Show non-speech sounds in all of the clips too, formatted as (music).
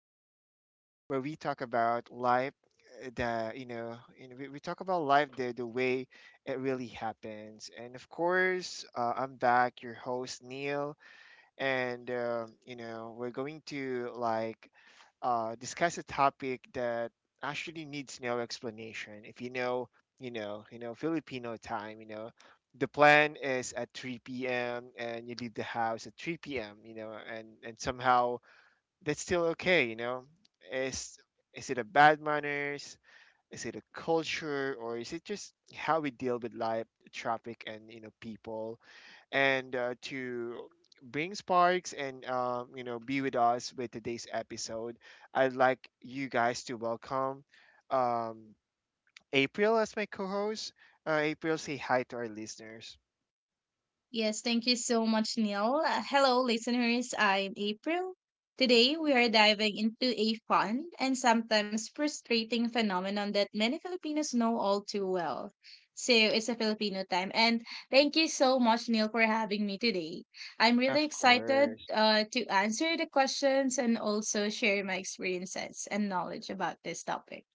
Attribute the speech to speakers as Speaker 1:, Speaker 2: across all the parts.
Speaker 1: podcast, where we talk about life. The you know, we talk about life the way it really happens. And of course, I'm back, your host Neil, and you know we're going to discuss a topic that actually needs no explanation. If you know, you know, you know Filipino time, you know, the plan is at 3 p.m. and you leave the house at 3 p.m. You know, and somehow that's still okay. You know, is is it a bad manners? Is it a culture, or is it just how we deal with life, traffic, and you know people? And to bring sparks and you know be with us with today's episode. I'd like you guys to welcome um, April as my co-host. April, say hi to our listeners.
Speaker 2: Yes, thank you so much, Neil. Hello, listeners. I'm April. Today, we are diving into a fun and sometimes frustrating phenomenon that many Filipinos know all too well. So, it's a Filipino time. And thank you so much, Neil, for having me today. I'm really
Speaker 1: Of
Speaker 2: excited
Speaker 1: course.
Speaker 2: to answer the questions and also share my experiences and knowledge about this topic.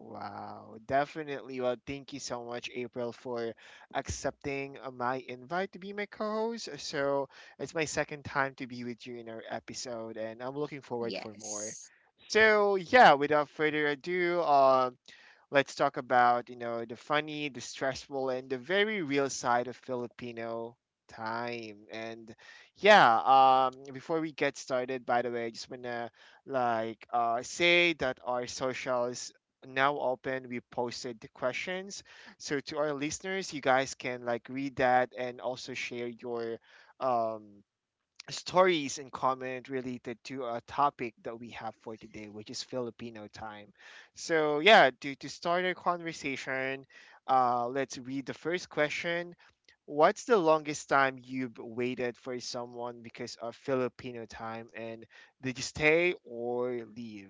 Speaker 1: Wow, definitely. Well, thank you so much, April, for accepting my invite to be my co-host. So it's my second time to be with you in our episode, and I'm looking forward for more.
Speaker 2: Yes.
Speaker 1: So yeah, without further ado, let's talk about, you know, the funny, the stressful, and the very real side of Filipino time. And yeah, before we get started, by the way, I just wanna say that our socials now open. We posted the questions, so to our listeners, you guys can like read that and also share your um stories in common related to a topic that we have for today, which is Filipino time. So, yeah, to start our conversation, let's read the first question. What's the longest time you've waited for someone because of Filipino time? And did you stay or leave?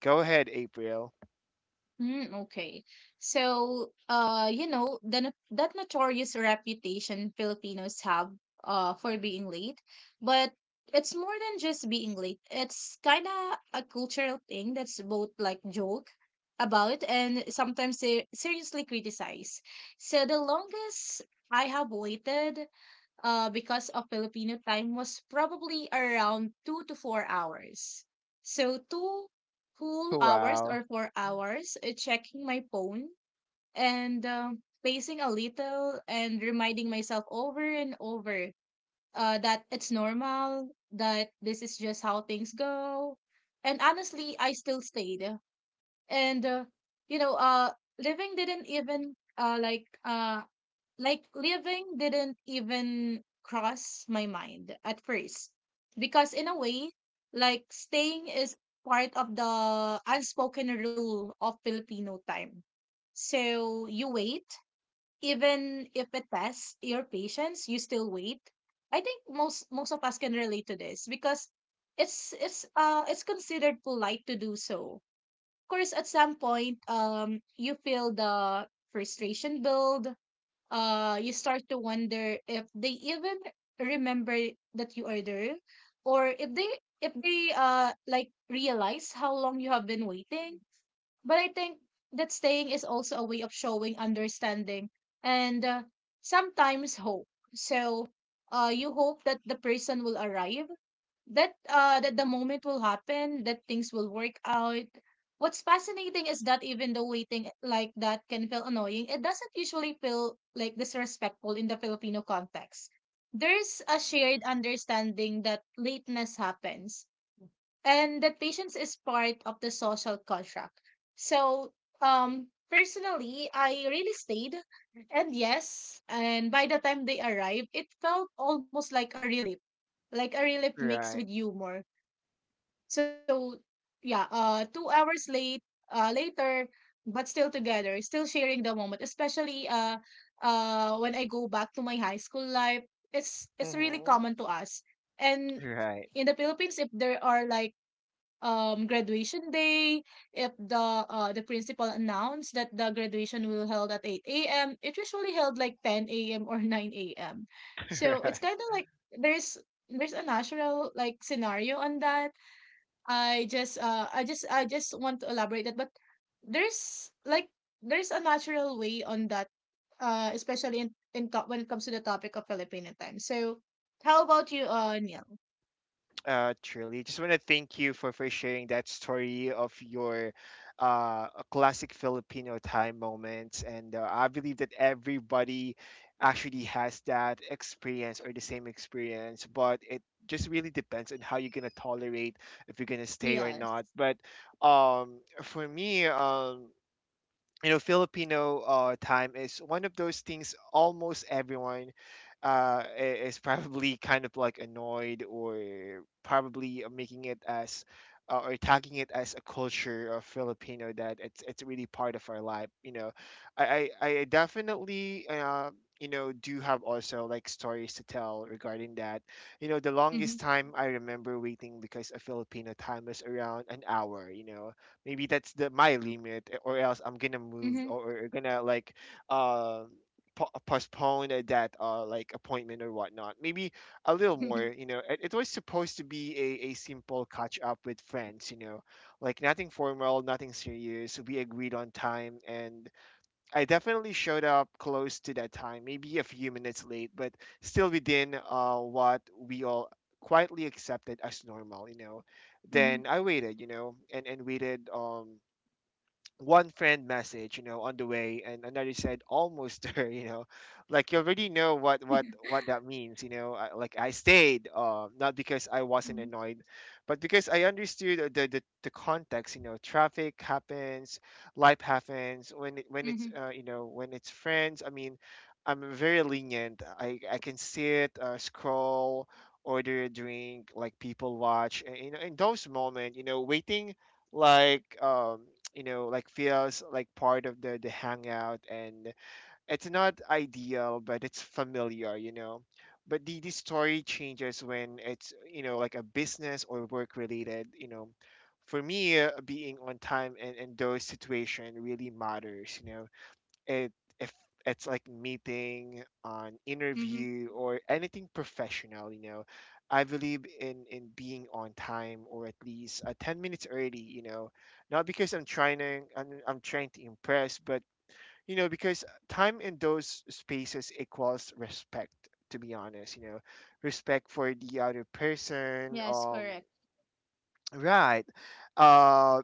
Speaker 1: Go ahead, April.
Speaker 2: Mm, okay. So, you know, the no- that notorious reputation Filipinos have for being late, but it's more than just being late. It's kind of a cultural thing that's both like joke about and sometimes se seriously criticize. So the longest I have waited because of Filipino time was probably around 2 to 4 hours. So two whole hours
Speaker 1: Wow.
Speaker 2: or 4 hours checking my phone and pacing a little and reminding myself over and over that it's normal, that this is just how things go. And honestly, I still stayed and you know uh living didn't even uh like uh living didn't even cross my mind at first, because in a way like staying is part of the unspoken rule of Filipino time. So you wait, even if it tests your patience you still wait. I think most of us can relate to this because it's considered polite to do so. Course, at some point, you feel the frustration build. You start to wonder if they even remember that you are there, or if they realize how long you have been waiting. But I think that staying is also a way of showing understanding and sometimes hope. So, you hope that the person will arrive, that the moment will happen, that things will work out. What's fascinating is that even though waiting like that can feel annoying, it doesn't usually feel like disrespectful in the Filipino context. There's a shared understanding that lateness happens and that patience is part of the social contract. So, personally, I really stayed, and yes, and by the time they arrived, it felt almost like a relief mixed with
Speaker 1: Right.
Speaker 2: humor. So, yeah, 2 hours late, later, but still together, still sharing the moment. Especially, when I go back to my high school life, it's really common to
Speaker 1: Hmm.
Speaker 2: us, and
Speaker 1: Right.
Speaker 2: in the Philippines, if there are like graduation day, if the principal announced that the graduation will held at 8 a.m., it usually held like 10 a.m. or (laughs) 9 a.m. So it's
Speaker 1: (laughs)
Speaker 2: kind of like there's there's a natural like scenario on that. I just want to elaborate that, but there's like there's a natural way on that, especially when it comes to the topic of Filipino time. So how about you, Neil?
Speaker 1: Truly, just want to thank you for sharing that story of your a classic Filipino time moments. And I believe that everybody actually has that experience or the same experience, but it just really depends on how you're going to tolerate if you're going to stay or
Speaker 2: Yes.
Speaker 1: not. But for me, you know filipino time is one of those things almost everyone is probably kind of like annoyed or probably making it as or tagging it as a culture of filipino that it's really part of our life you know I definitely you know do have also like stories to tell regarding that. You know the
Speaker 2: Mm-hmm.
Speaker 1: longest time I remember waiting because a filipino time was around an hour you know. Maybe that's the my limit eh, or else I'm gonna move
Speaker 2: Mm-hmm.
Speaker 1: or gonna uh postpone that like appointment or whatnot maybe a little more
Speaker 2: (laughs)
Speaker 1: you know it was supposed to be a simple catch up with friends you know like nothing formal nothing serious we agreed on time and I definitely showed up close to that time, maybe a few minutes late, but still within what we all quietly accepted as normal, you know.
Speaker 2: Mm-hmm.
Speaker 1: Then I waited, you know, and waited. One friend message you know on the way and another said almost there (laughs) you know like you already know what that means you know I stayed not because I wasn't
Speaker 2: Mhm.
Speaker 1: annoyed but because I understood the context you know traffic happens life happens when it's
Speaker 2: Mhm.
Speaker 1: you know when it's friends I mean I'm very lenient i can sit scroll order a drink like people watch and, you know in those moments you know waiting like um you know like feels like part of the hangout and it's not ideal but it's familiar you know but the story changes when it's you know like a business or work related you know for me being on time and in those situation really matters you know. It if it's like meeting an
Speaker 2: Mhm.
Speaker 1: interview or anything professional you know I believe in being on time or at least 10 minutes early you know not because I'm trying to impress but you know because time in those spaces equals respect to be honest you know respect for the other person
Speaker 2: Yes, correct.
Speaker 1: Right. Uh,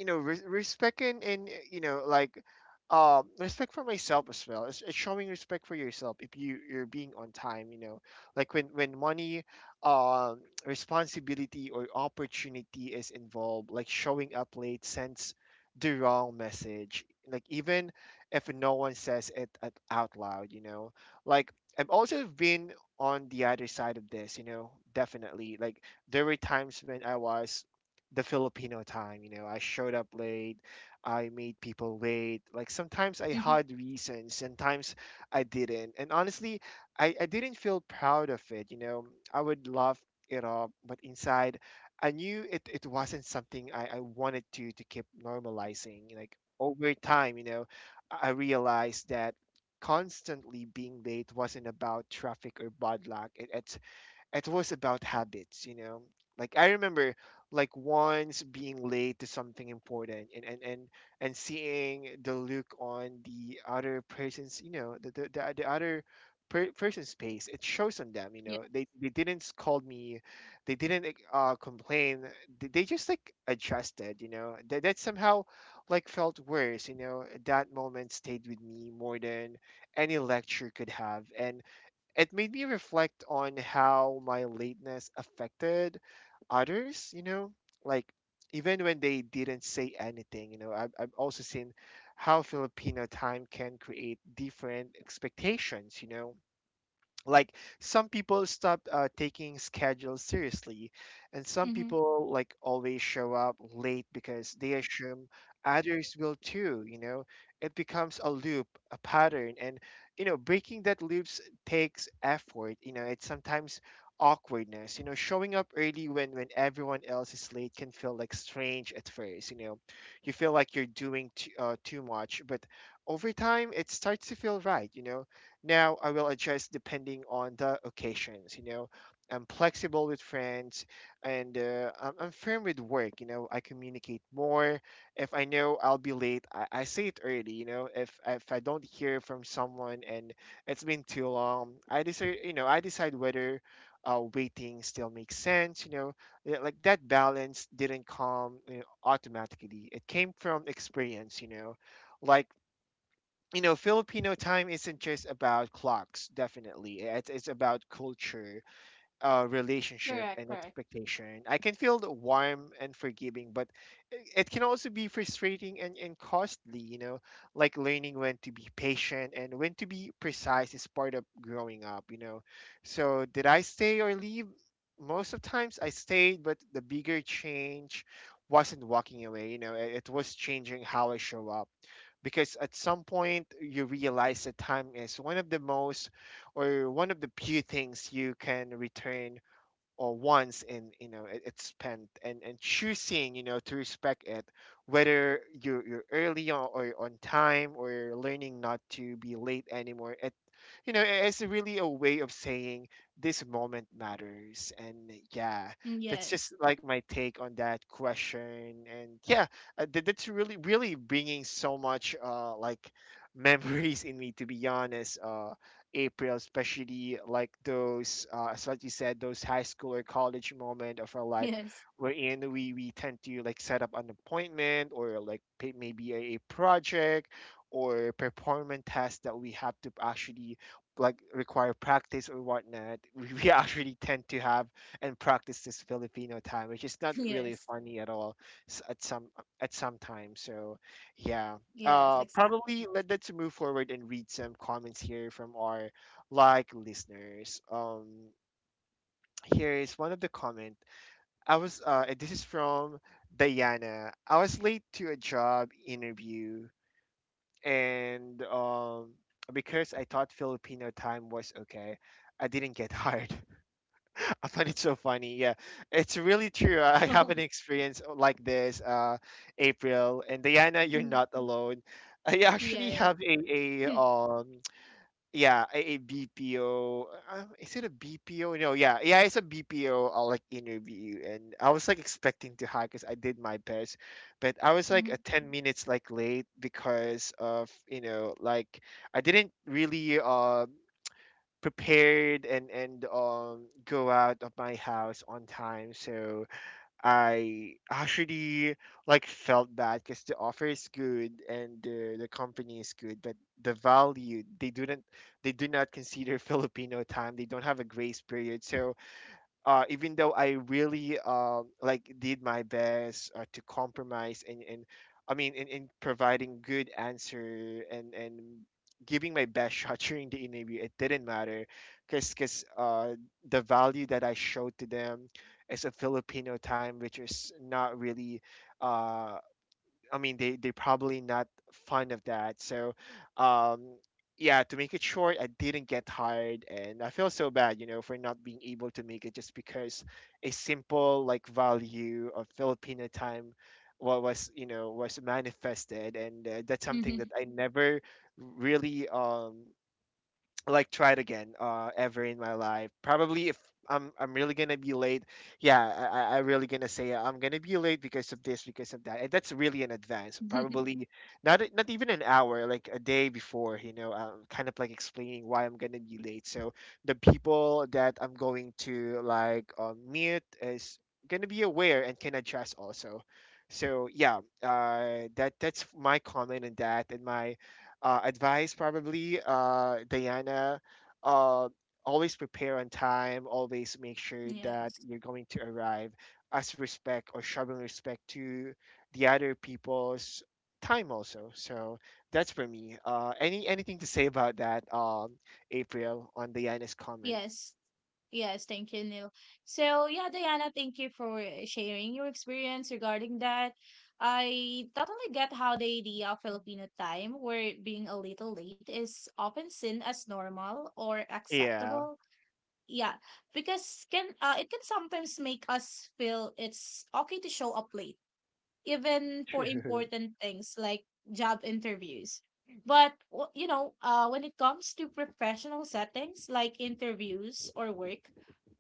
Speaker 1: you know, re respect and you know, like, respect for myself as well. It's showing respect for yourself if you're being on time. You know, like when money, um, responsibility or opportunity is involved, like showing up late sends the wrong message. Like even if no one says it out loud, you know, like I've also been on the other side of this. You know, definitely. Like there were times when I was the Filipino time. You know, I showed up late, I made people wait. Like sometimes I
Speaker 2: Mhm.
Speaker 1: had reasons, sometimes I didn't. And honestly, I didn't feel proud of it. You know, I would laugh it off, but inside, it wasn't something I wanted to keep normalizing. Like over time, you know, I realized that constantly being late wasn't about traffic or bad luck. It was about habits, you know. Like I remember like once being late to something important and seeing the look on the other person's, you know, the other person's face it shows on them you
Speaker 2: Yeah.
Speaker 1: know they didn't scold me they didn't complain they just like adjusted you know that somehow like felt worse you know that moment stayed with me more than any lecture could have and it made me reflect on how my lateness affected others, you know, like even when they didn't say anything, you know, I've also seen how Filipino time can create different expectations, you know like some people stop taking schedules seriously and some
Speaker 2: Mhm.
Speaker 1: people like always show up late because they assume others will too you know it becomes a loop a pattern and you know breaking that loops takes effort you know it's sometimes awkwardness you know showing up early when everyone else is late can feel like strange at first you know you feel like you're doing too much but over time it starts to feel right you know now I will adjust depending on the occasions. You know, I'm flexible with friends, and I'm firm with work. You know, I communicate more. If I know I'll be late, I say it early. You know, if I don't hear from someone and it's been too long, I decide. You know, I decide whether waiting still makes sense. You know, yeah, like that balance didn't come you know, automatically. It came from experience. You know, like you know, Filipino time isn't just about clocks, definitely. It's about culture, relationship,
Speaker 2: Correct,
Speaker 1: and
Speaker 2: correct.
Speaker 1: expectation. I can feel the warm and forgiving, but it can also be frustrating and costly, you know, like learning when to be patient and when to be precise is part of growing up, you know. So, did I stay or leave? Most of times I stayed, but the bigger change wasn't walking away, you know, it was changing how I show up because at some point you realize that time is one of the most or one of the few things you can return or wants and you know it's spent and choosing you know to respect it whether you're early on or you're on time or you're learning not to be late anymore it you know it's really a way of saying this moment matters and yeah
Speaker 2: Mm,
Speaker 1: that's
Speaker 2: yes.
Speaker 1: just like my take on that question and yeah that's really really bringing so much (laughs) memories in me to be honest. April, especially like those, as what you said, those high school or college moment of our life,
Speaker 2: Yes.
Speaker 1: wherein we tend to like set up an appointment or like pay maybe a project or performance test that we have to actually like require practice or whatnot. (laughs) We actually tend to have and practice this Filipino time, which is
Speaker 2: (laughs)
Speaker 1: not really
Speaker 2: Yes.
Speaker 1: funny at all s- at some at some time. So yeah,
Speaker 2: Yes, exactly.
Speaker 1: probably let's move forward and read some comments here from our like listeners. Here is one of the comment. I was and this is from Diana. I was late to a job interview and because I thought filipino time was okay I didn't get (laughs) hired. (laughs) I find it so funny. Yeah, it's really true. I have an
Speaker 2: (laughs)
Speaker 1: experience like this, April and Diana. You're
Speaker 2: Mhm.
Speaker 1: not alone. I actually
Speaker 2: Yes.
Speaker 1: have
Speaker 2: (laughs)
Speaker 1: a um a BPO. Is it a BPO? No, yeah, yeah, it's a BPO like interview, and I was like expecting to hack because I did my best, but I was like
Speaker 2: Mm-hmm.
Speaker 1: a 10 minutes like late because of like I didn't really prepared and go out of my house on time, so I actually like felt bad because the offer is good, and the company is good, but the value, they do not consider (laughs) Filipino time. They don't have a grace period. So, even though I really like did my best to compromise, and I mean, in providing good answer, and giving my best (laughs) shot during the interview, it didn't matter because the value that I showed to them as a Filipino time, which is not really, uh, I mean, they probably not fond of that. So, um, yeah, to make it short, I didn't get tired, and I feel so bad, for not being able to make it just because a simple like value of Filipino time was, was manifested. And that's something that
Speaker 2: Mm-hmm.
Speaker 1: I never really like try it again ever in my life. Probably if I'm really gonna be late, yeah, I really gonna say, I'm gonna be late because of this, because of that, and that's really in advance.
Speaker 2: (laughs)
Speaker 1: Probably not not even an hour, like a day before, kind of like explaining why I'm gonna be late, so the people that I'm going to like meet is gonna be aware and can adjust also. So, yeah, that's my comment on that, and my advice, probably, Diana, uh, always prepare on time, always make sure that
Speaker 2: Yes.
Speaker 1: you're going to arrive as respect, or showing respect to the other people's time also. So that's for me. Anything to say about that, April, on Diana's comment?
Speaker 2: Yes. Yes, thank you, Neil. So, yeah, Diana, thank you for sharing your experience regarding that. I totally get how the idea of Filipino time, where being a little late is often seen as normal or
Speaker 1: Yeah.
Speaker 2: acceptable. Yeah, because can it can sometimes make us feel it's okay to show up late even
Speaker 1: (laughs)
Speaker 2: for
Speaker 1: True.
Speaker 2: important things like job interviews. But when it comes to professional settings like interviews or work,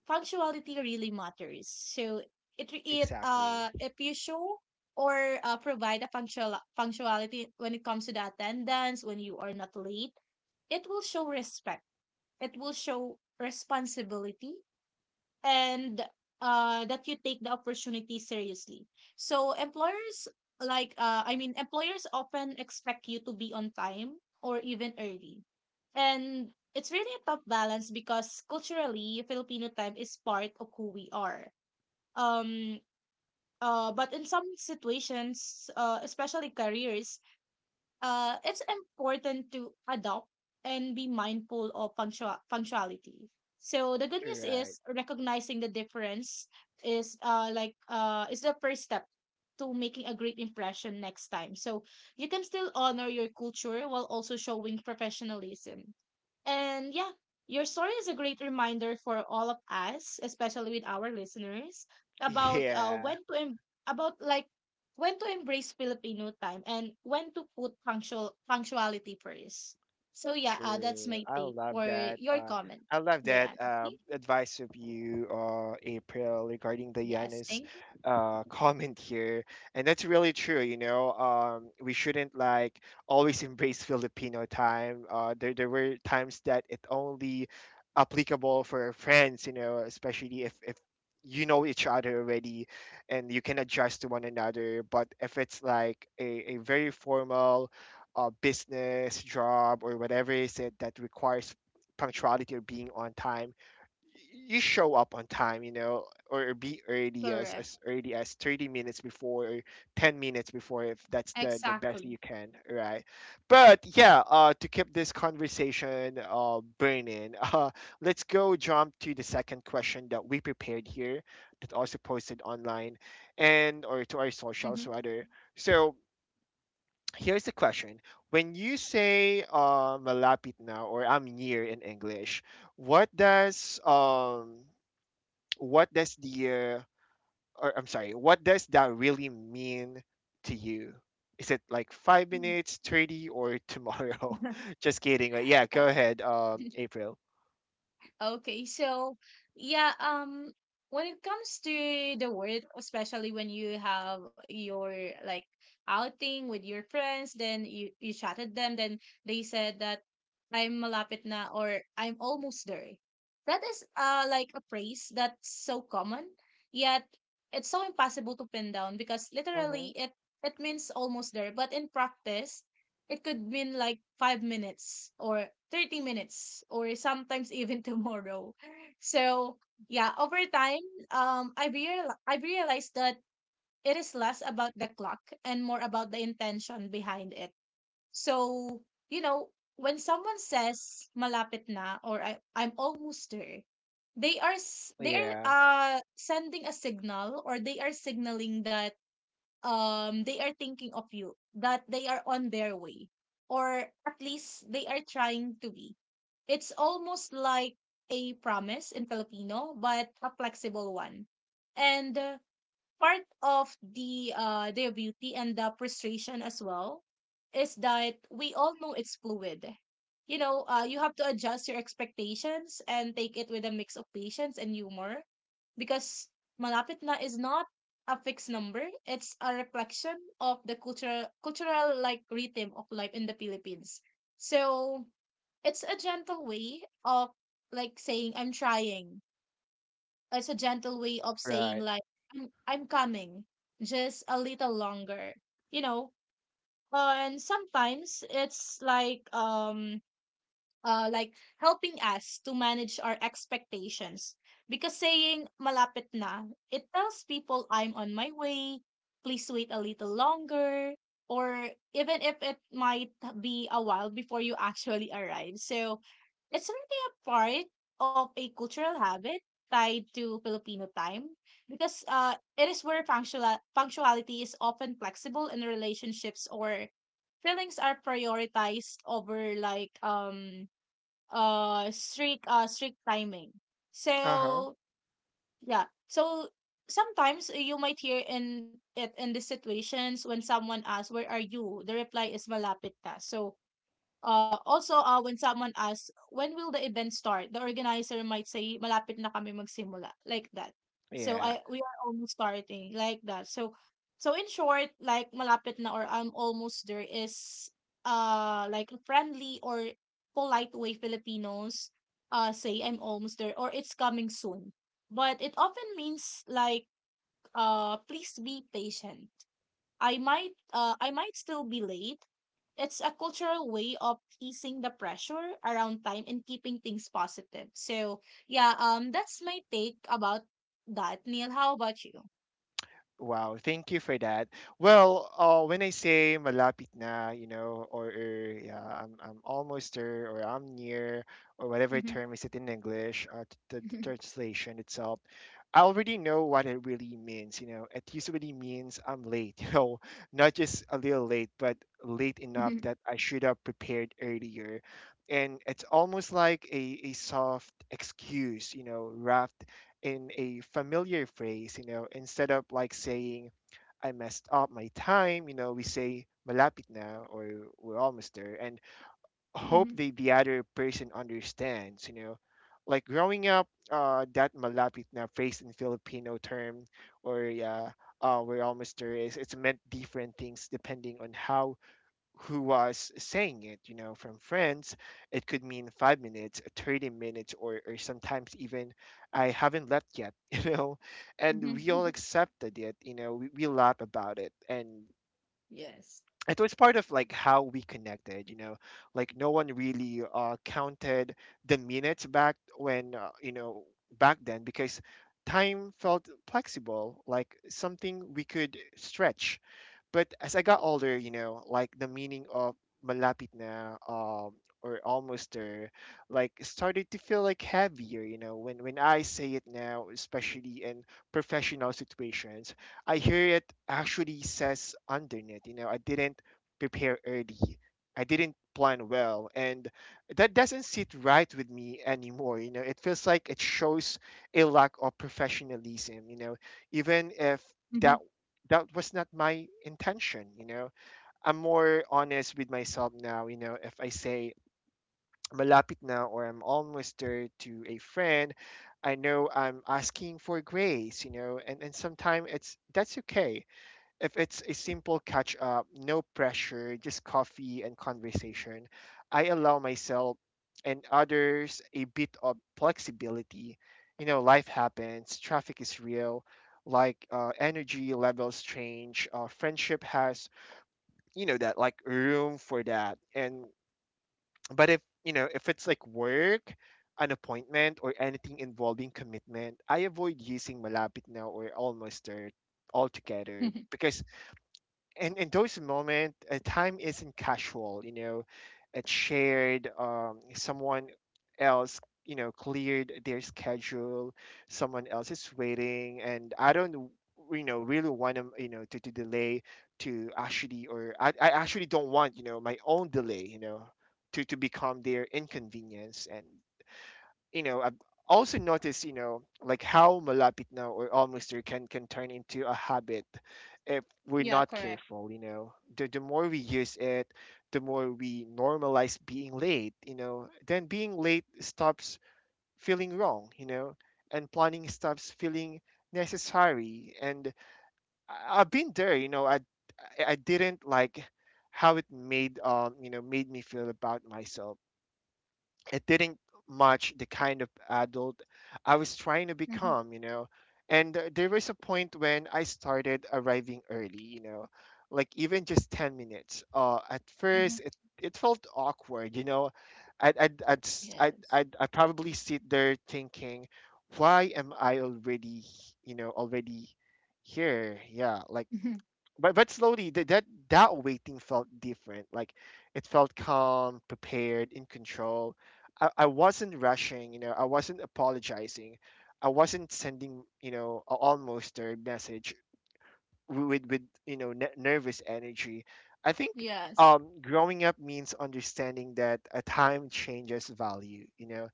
Speaker 2: punctuality really matters. So it re- it
Speaker 1: Exactly.
Speaker 2: if you show or provide a punctuality when it comes to the attendance, when you are not late, it will show respect, it will show responsibility, and that you take the opportunity seriously. So employers, like I mean, employers often expect you to be on time or even early. And it's really a tough balance because culturally Filipino time is part of who we are. Um but in some situations, especially careers, it's important to adopt and be mindful of punctuality. So the good news
Speaker 1: Correct.
Speaker 2: is recognizing the difference is the first step to making a great impression next time. So you can still honor your culture while also showing professionalism. And yeah, your story is a great reminder for all of us, especially with our listeners, about uh
Speaker 1: Yeah.
Speaker 2: when to em- about like when to embrace Filipino time and when to put punctuality first. So yeah, that's
Speaker 1: True.
Speaker 2: my
Speaker 1: I
Speaker 2: take
Speaker 1: love
Speaker 2: for
Speaker 1: that.
Speaker 2: your comment,
Speaker 1: I love that,
Speaker 2: Diana. Thank you.
Speaker 1: advice of you, April, regarding the
Speaker 2: Yes,
Speaker 1: Yanis
Speaker 2: thank you.
Speaker 1: (laughs) comment here. And that's really true. We shouldn't like always embrace Filipino time. There were times that it only applicable for friends, especially if you know each other already and you can adjust to one another. But if it's like a very formal, business, job, or whatever is it that requires punctuality or being on time, you show up on time, or be early, as
Speaker 2: Correct.
Speaker 1: as early as 30 minutes before, or 10 minutes before, if that's the best you
Speaker 2: Exactly.
Speaker 1: can, right? But yeah, to keep this conversation burning, (laughs) let's go jump to the second question that we prepared here, that also posted online, and or to our socials
Speaker 2: Mm-hmm.
Speaker 1: rather. So here's the question. When you say, malapit now, or I'm near in English, what does um what does the or I'm sorry, what does that really mean to you? Is it like 5 minutes, 30, or tomorrow? (laughs) Just kidding. But yeah, go
Speaker 2: (laughs)
Speaker 1: ahead, April.
Speaker 2: Okay, so yeah, when it comes to the word, especially when you have your like outing with your friends, then you chatted them, then they said that I'm malapit na or I'm almost there. That is like a phrase that's so common, yet it's so impossible to pin down because literally
Speaker 1: Hmm.
Speaker 2: it means almost there, but in practice it could mean like 5 minutes or 30 minutes or sometimes even (laughs) tomorrow. So, yeah, over time, I've realized that it is less about the clock and more about the intention behind it. So, you know, when someone says malapit na or I'm almost there, they are s- they are
Speaker 1: Yeah.
Speaker 2: sending a signal, or they are signaling that they are thinking of you, that they are on their way, or at least they are trying to be. It's almost like a promise in Filipino, but a flexible one. And part of the beauty and the frustration as well is that we all know it's fluid. You have to adjust your expectations and take it with a mix of patience and humor because malapit na is not a fixed number. It's a reflection of the cultural like rhythm of life in the Philippines. So it's a gentle way of like saying I'm trying. It's a gentle way of saying
Speaker 1: Right.
Speaker 2: like I'm coming, just a little longer, you know and sometimes it's like helping us to manage our expectations. Because saying malapit na, it tells people I'm on my way, please wait a little longer, or even if it might be a while before you actually arrive. So it's really a part of a cultural habit tied to Filipino time, because it is where punctuality is often flexible in relationships, or feelings are prioritized over like strict timing.
Speaker 1: Uh huh.
Speaker 2: So yeah. So sometimes you might hear in these situations when someone asks, "Where are you?" The reply is malapit na. So also when someone asks, "When will the event start?" The organizer might say, "Malapit na kami magsimula." Like that. So
Speaker 1: Yeah.
Speaker 2: I we are almost starting, like that. so in short, like malapit na or I'm almost there is like a friendly or polite way Filipinos say I'm almost there or it's coming soon, but it often means like please be patient, I might still be late. It's a cultural way of easing the pressure around time and keeping things positive. So yeah, that's my take about that, Neil. How about you?
Speaker 1: Wow, thank you for that. Well, when I say malapit na, or yeah, I'm almost there, or I'm near, or whatever
Speaker 2: Mm-hmm.
Speaker 1: term is it in English, the translation itself, I already know what it really means. It usually means I'm late, (laughs) not just a little late, but late enough
Speaker 2: Mm-hmm.
Speaker 1: that I should have prepared earlier. And it's almost like a soft excuse, wrapped in a familiar phrase, instead of like saying, I messed up my time, we say, malapit na, or we're almost there, and hope
Speaker 2: Hmm.
Speaker 1: the other person understands. Like growing up, that malapit na phrase in Filipino term, or yeah, we're almost there it's meant different things depending on how who was saying it, from friends, it could mean 5 minutes, 30 minutes, or sometimes even I haven't left yet, (laughs) and we all
Speaker 2: (laughs) (laughs)
Speaker 1: accepted it, we laugh about it. And
Speaker 2: Yes.
Speaker 1: it was part of like how we connected, like no one really counted the minutes back when, back then, because time felt flexible, like something we could stretch, but as I got older, like the meaning of malapit na or almost there, like started to feel like heavier, when I say it now, especially in professional situations, I hear it actually says underneath, I didn't prepare early. I didn't plan well, and that doesn't sit right with me anymore. It feels like it shows a lack of professionalism, even if
Speaker 2: Mm-hmm.
Speaker 1: that that was not my intention. I'm more honest with myself now. If I say malapit now or I'm almost there to a friend, I know I'm asking for grace. And sometimes it's that's okay. If it's a simple catch up, no pressure, just coffee and conversation, I allow myself and others a bit of flexibility. Life happens, traffic is real, like energy levels change, friendship has, that like room for that. And, but if, you know, if it's like work, an appointment, or anything involving commitment, I avoid using malapit now or almost there altogether,
Speaker 2: (laughs)
Speaker 1: because. And in those moments, time isn't casual. It's shared. Someone else, cleared their schedule. Someone else is waiting, and I don't, really want them, to delay, to actually, or I actually don't want, my own delay, to become their inconvenience. And I've also noticed, like how malapit now or almost there can turn into a habit if we're
Speaker 2: Yeah,
Speaker 1: not
Speaker 2: correct.
Speaker 1: careful, the more we use it, the more we normalize being late, then being late stops feeling wrong, and planning stops feeling necessary. And I've been there. I didn't like how it made you know made me feel about myself. It didn't match the kind of adult I was trying to
Speaker 2: Mm-hmm.
Speaker 1: become. And there was a point when I started arriving early, like even just 10 minutes. At
Speaker 2: Hmm.
Speaker 1: first, it, felt awkward. I'd, s-
Speaker 2: Yes.
Speaker 1: I'd probably sit there thinking, why am I already, h- you know, already here? Yeah, like
Speaker 2: Mm-hmm.
Speaker 1: but slowly, that that waiting felt different. Like it felt calm, prepared, in control. I wasn't rushing, I wasn't apologizing, I wasn't sending, almost a message with nervous energy, I think.
Speaker 2: Yes,
Speaker 1: Growing up means understanding that a time changes value,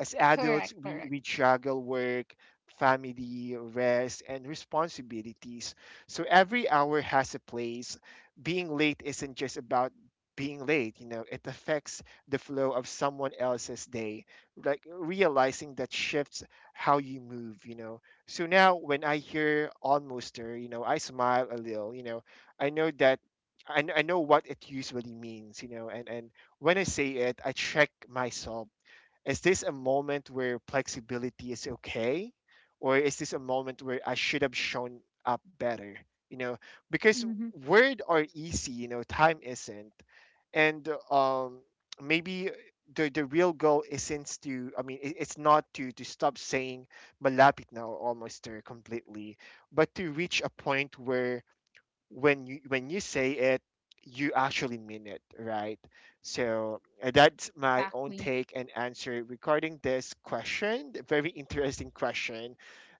Speaker 1: as adults,
Speaker 2: correct,
Speaker 1: we,
Speaker 2: correct.
Speaker 1: we juggle work, family, rest, and responsibilities. So every hour has a place. Being late isn't just about being late, it affects the flow of someone else's day. Like realizing that shifts how you move. So now when I hear almost her, I smile a little, I know that. I know what it usually means, and when I say it, I check myself. Is this a moment where flexibility is okay? Or is this a moment where I should have shown up better? You know, because
Speaker 2: Mm-hmm.
Speaker 1: word are easy, time isn't. And maybe the real goal isn't I mean, it's not to stop saying malapit now almost there completely, but to reach a point where when you say it, you actually mean it, right? So that's my own
Speaker 2: Exactly.
Speaker 1: take and answer regarding this question. A very interesting question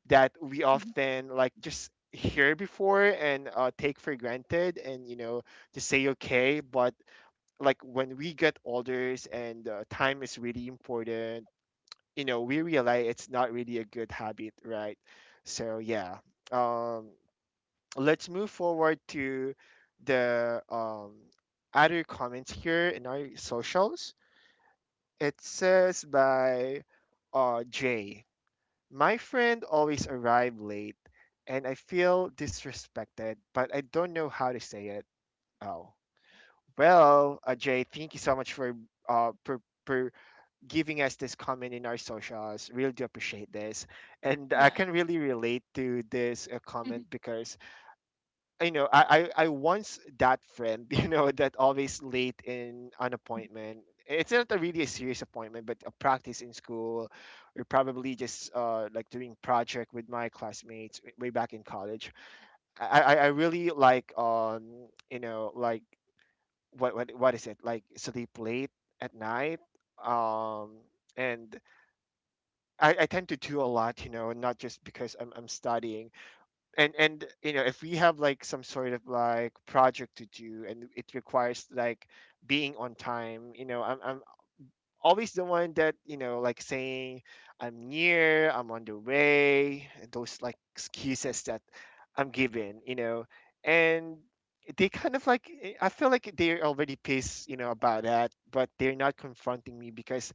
Speaker 1: that we
Speaker 2: Mm-hmm.
Speaker 1: often like just hear before, and take for granted, and just say okay. But like when we get older, and time is really important, we realize it's not really a good habit, right? So, yeah. um let's move forward to the other comments here in our socials. It says by Jay, my friend always arrived late, and I feel disrespected, but I don't know how to say it. Oh, well, Jay, thank you so much uh, for, for giving us this comment in our socials. Really do appreciate this. And I can
Speaker 2: Yes.
Speaker 1: really relate to this comment
Speaker 2: (laughs)
Speaker 1: because I know I once that friend (laughs) that always late in an appointment. It's not a really a serious appointment, but a practice in school, or probably just like doing project with my classmates way back in college. I really like what is it like sleep late at night um and I tend to do a lot, you know, not just because I'm studying. And you know, if we have like some sort of like project to do and it requires like being on time, you know, I'm always the one that, you know, like saying I'm near, I'm on the way, and those like excuses that I'm given, you know. And they kind of like I feel like they're already pissed, you know, about that, but they're not confronting me because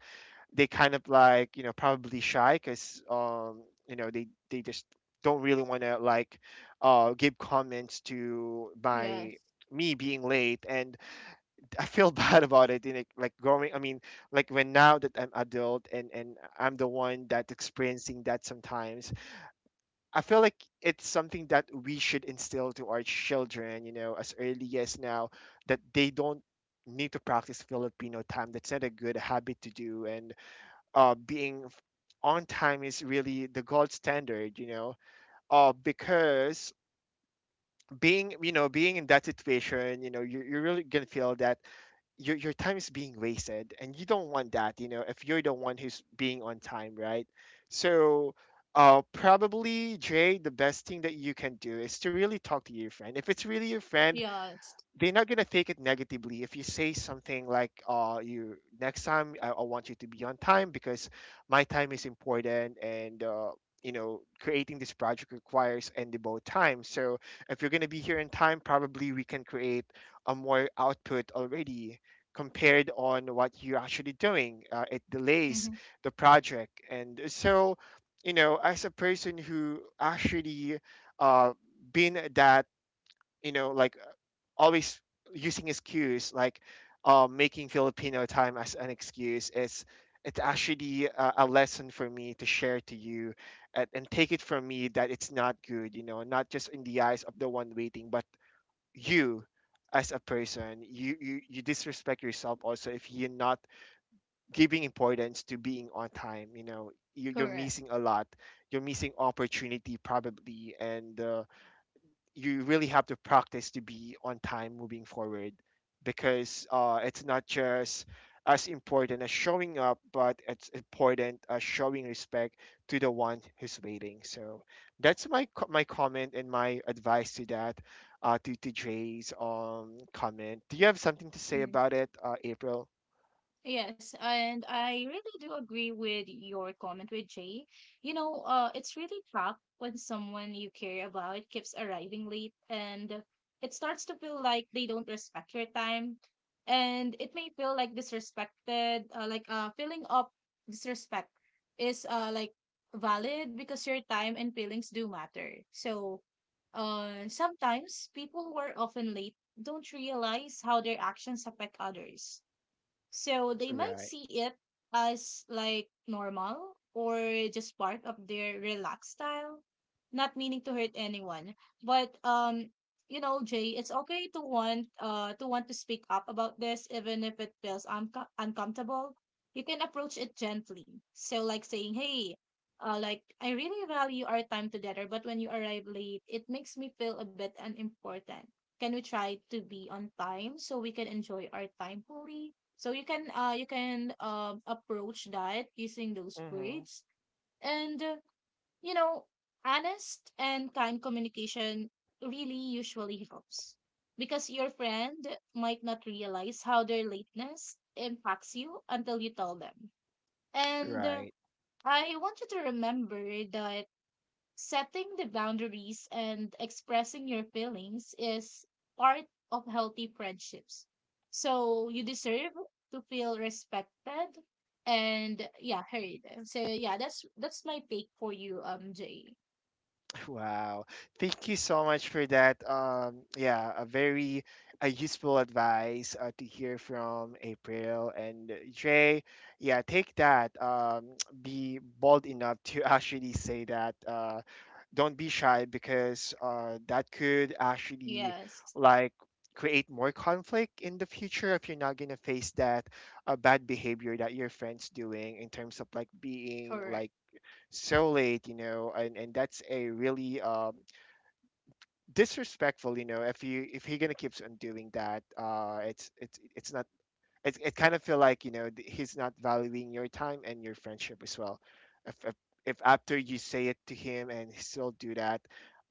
Speaker 1: they kind of like, you know, probably shy because you know, they just don't really want to like give comments to
Speaker 2: Yes.
Speaker 1: my me being late. And I feel (laughs) bad about it in like going I mean like when now that I'm adult and I'm the one that's experiencing that sometimes. I feel like it's something that we should instill to our children, you know, as early as now, that they don't need to practice Filipino time. That's not a good habit to do. And uh, being f- on time is really the gold standard, you know, because being, you know, being in that situation, you know, you're really going to feel that your time is being wasted, and you don't want that, you know, if you're the one who's being on time, right? So probably, Jay, the best thing that you can do is to really talk to your friend. If it's really your friend,
Speaker 2: Yes.
Speaker 1: they're not gonna take it negatively if you say something like you next time, I want you to be on time, because my time is important. And you know, creating this project requires and devote time. So if you're gonna be here in time, probably we can create a more output already, compared on what you're actually doing. It delays
Speaker 2: Hmm.
Speaker 1: the project. And so, you know, as a person who actually uh been that, you know, like always using excuse like making Filipino time as an excuse, is it's actually a lesson for me to share to you. And take it from me that it's not good, you know, not just in the eyes of the one waiting, but you as a person, you disrespect yourself also if you're not giving importance to being on time. You know, you're
Speaker 2: Correct.
Speaker 1: missing a lot. You're missing opportunity probably. And you really have to practice to be on time moving forward, because it's not just as important as showing up, but it's important as showing respect to the one who's waiting. So that's my my comment and my advice to that to Jay's comment. Do you have something to say
Speaker 2: Mhm.
Speaker 1: about it, April?
Speaker 2: Yes, and I really do agree with your comment with Jay. You know, it's really tough when someone you care about keeps arriving late and it starts to feel like they don't respect your time. And it may feel like disrespected, like a feeling of disrespect is like valid, because your time and feelings do matter. So sometimes people who are often late don't realize how their actions affect others, so they might
Speaker 1: Right.
Speaker 2: see it as like normal or just part of their relaxed style, not meaning to hurt anyone. But Jay, it's okay to want to speak up about this even if it feels uncomfortable. You can approach it gently. So like saying, "Hey, like I really value our time together, but when you arrive late, it makes me feel a bit unimportant. Can we try to be on time so we can enjoy our time fully?" So you can approach that using those
Speaker 1: Mm-hmm.
Speaker 2: words, and you know honest and kind communication really usually helps, because your friend might not realize how their lateness impacts you until you tell them. And
Speaker 1: Right.
Speaker 2: I want you to remember that setting the boundaries and expressing your feelings is part of healthy friendships. So you deserve to feel respected and, yeah, heard. So yeah, that's my take for you, Jay.
Speaker 1: (laughs) Wow. Thank you so much for that. Yeah, a very a useful advice to hear from April and Jay. Yeah, take that. (tsk) Be bold enough to (laughs) actually say that. Don't be shy, because that could actually
Speaker 2: Yes,
Speaker 1: like create more conflict in the future if you're not gonna face that bad behavior that your friends doing in terms of like being
Speaker 2: correct.
Speaker 1: like so late, you know. And that's a really disrespectful, you know. If you, if he gonna keeps on doing that, it's not it, it kind of feel like, you know, he's not valuing your time and your friendship as well. If if, if after you say it to him and he still do that,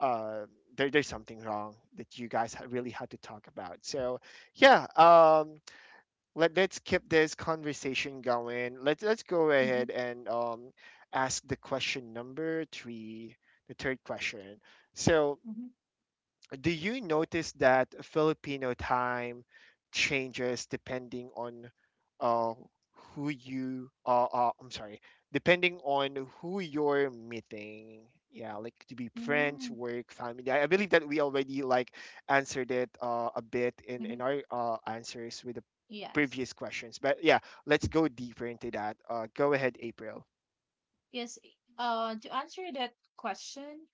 Speaker 1: uh, there's something wrong that you guys really had to talk about. So yeah, let's keep this conversation going. Let's go
Speaker 2: Mm-hmm,
Speaker 1: ahead and ask the question number three, the third question. So
Speaker 2: mm-hmm,
Speaker 1: do you notice that Filipino time changes depending on uh, who you I'm sorry, depending on who you're meeting? Yeah, like to be friends,
Speaker 2: mm-hmm.
Speaker 1: work, family. I believe that we already like answered it a bit in
Speaker 2: Mm-hmm.
Speaker 1: our answers with the
Speaker 2: Yes,
Speaker 1: previous questions. But yeah, let's go deeper into that. Go ahead, April.
Speaker 2: yes. To answer that question,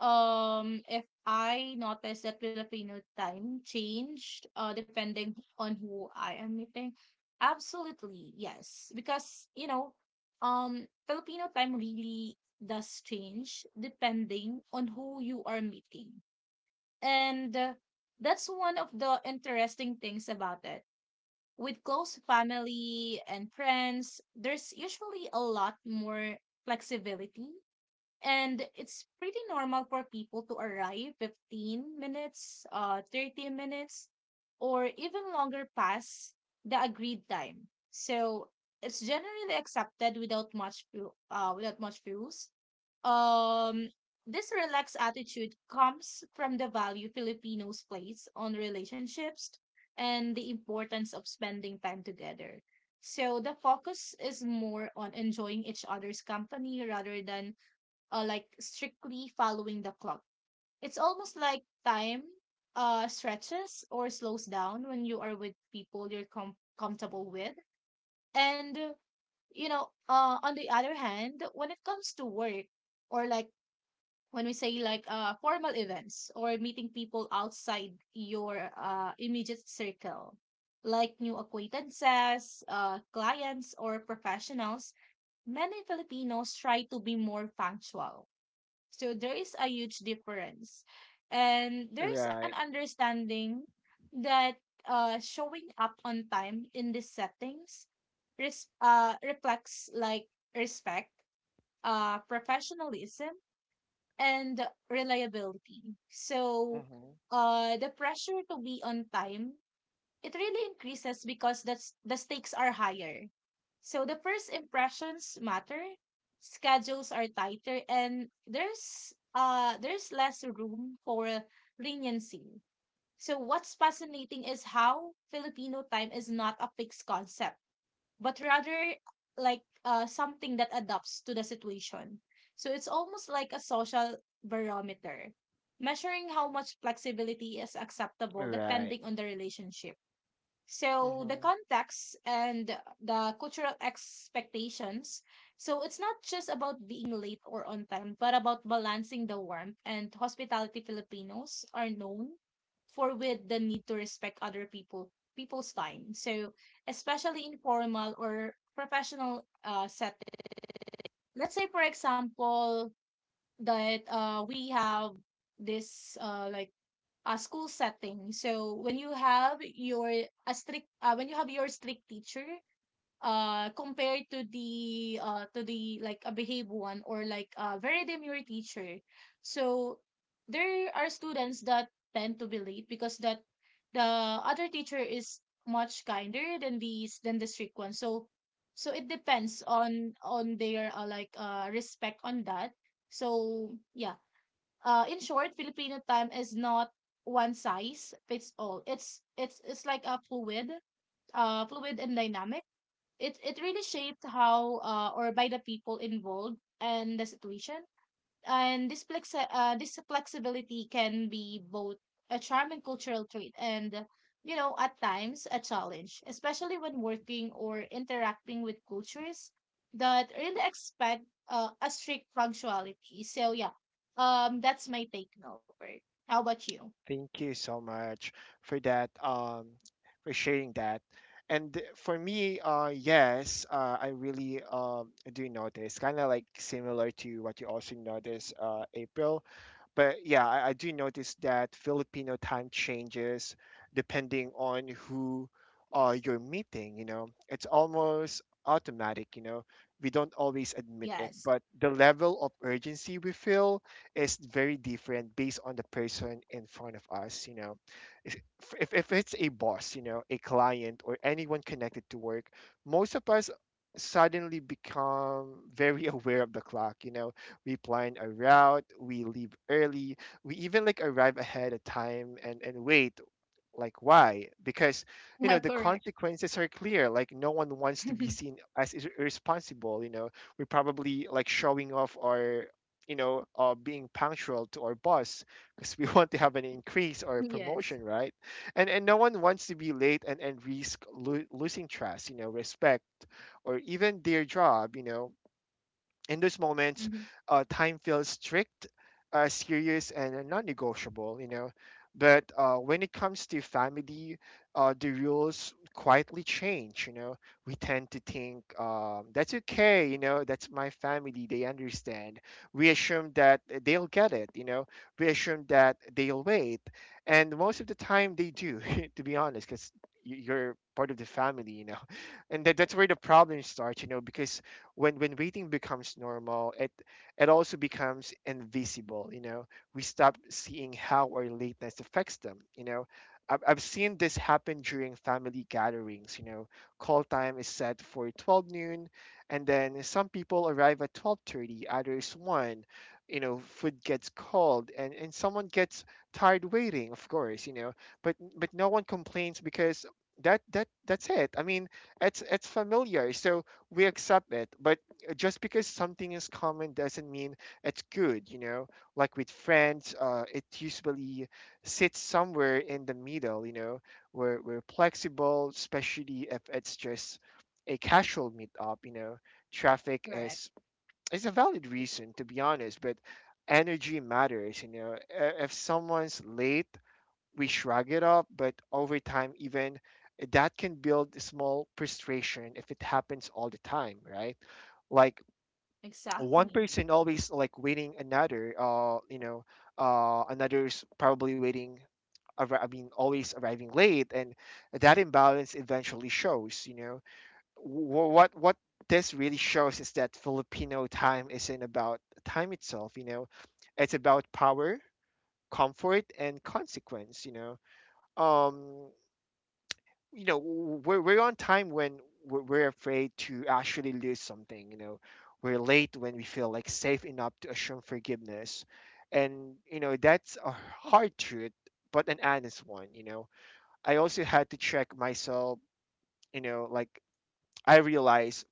Speaker 2: If I notice that Filipino time changed, depending on who I am meeting, absolutely yes, because Filipino time really does change depending on who you are meeting, and that's one of the interesting things about it. With close family and friends, there's usually a lot more flexibility and it's pretty normal for people to arrive 15 minutes, 30 minutes, or even longer past the agreed time. So it's generally accepted without much without much fuss. Um, this relaxed attitude comes from the value Filipinos place on relationships and the importance of spending time together. So the focus is more on enjoying each other's company rather than like strictly following the clock. It's almost like time stretches or slows down when you are with people you're comfortable with. And on the other hand, when it comes to work or like when we say like formal events or meeting people outside your immediate circle, like new acquaintances, clients or professionals, many Filipinos try to be more punctual so there is a huge difference. And there's an
Speaker 1: Right.
Speaker 2: understanding that showing up on time in these settings reflects like respect, professionalism, and reliability. So
Speaker 1: Hmm.
Speaker 2: the pressure to be on time it really increases because the stakes are higher. So the first impressions matter, schedules are tighter, and there's less room for leniency. So what's fascinating is how Filipino time is not a fixed concept, but rather like something that adapts to the situation. So it's almost like a social barometer, measuring how much flexibility is acceptable
Speaker 1: Right.
Speaker 2: depending on the relationship. So the context and the cultural expectations. So it's not just about being late or on time, but about balancing the warmth and hospitality Filipinos are known for with the need to respect other people's time. So especially in formal or professional setting. Let's say for example that we have this school setting. So when you have your strict teacher compared to the like a behave one or like a very demure teacher. So there are students that tend to be late because that the other teacher is much kinder than these than the strict one. So it depends on their respect on that. So yeah, in short, Filipino time is not one size fits all. It's like a fluid and dynamic. It really shaped how or by the people involved and the situation, and this flex this flexibility can be both a charm and cultural trait and, you know, at times a challenge, especially when working or interacting with cultures that really expect a strict punctuality. So yeah, that's my take, Norbert. How about you?
Speaker 1: Thank you so much for that, for sharing that. And for me, yes, I really do notice, kind of like similar to what you also notice, April. But yeah, I do notice that Filipino time changes depending on who you're meeting, you know. It's almost automatic, you know. We don't always admit it,
Speaker 2: Yes,
Speaker 1: but the level of urgency we feel is very different based on the person in front of us, you know. If, if it's a boss, you know, a client, or anyone connected to work, most of us suddenly become very (laughs) aware of the clock, you know. We plan a route, we leave early, we even like arrive ahead of time and wait. Like why? Because
Speaker 2: (laughs)
Speaker 1: you
Speaker 2: yeah,
Speaker 1: know the
Speaker 2: correct,
Speaker 1: consequences are clear. Like no one wants to be
Speaker 2: (laughs)
Speaker 1: seen as irresponsible. You know, we're probably like showing off our, you know, being punctual to our boss, because we (laughs) want to have an increase or a
Speaker 2: yes,
Speaker 1: promotion, right? And no one wants to be late and risk losing trust, you know, respect, or even their job, you know. In those moments,
Speaker 2: mm-hmm,
Speaker 1: time feels strict, serious, and non negotiable, you know. But when it comes to family, the rules quietly change, you know. We tend to think, that's okay, you know, that's my family, they understand. We assume that they'll get it, you know. We assume that they'll wait. And most of the time, they do, (laughs) to be honest, because you're part of the family, you know. (laughs) And that's where the problem starts, you know, because when waiting becomes normal, it also becomes invisible, you know. We stop seeing how our lateness affects them, you know. I've seen this happen during family gatherings, you know. Call time is set for 12 noon, and then some people arrive at 12:30, others 1. You know, food gets cold, and someone gets tired waiting, of course, you know. But no one complains because that's it. It's familiar, so we accept it. But just because something is common doesn't mean it's good, you know. Like with friends, it usually sits somewhere in the middle, you know. We're flexible, especially if it's just a casual meetup, you know. Traffic
Speaker 2: correct,
Speaker 1: is a valid reason, to be honest, but energy matters, you know. If someone's late, we shrug it up, but over time, even that can build small frustration if it happens all the time, right? Like one
Speaker 2: exactly,
Speaker 1: person always like waiting another, you know, another's probably waiting. Always arriving late, and that imbalance eventually shows. You know, what this really shows is that Filipino time isn't about time itself. You know, it's about power, comfort, and consequence. You know, um you know, we're on time when we're afraid to actually lose something, you know. We're late when we feel like safe enough to assume forgiveness. And you know, that's a hard truth, but an honest one, you know. I also had to check myself, you know, like I realized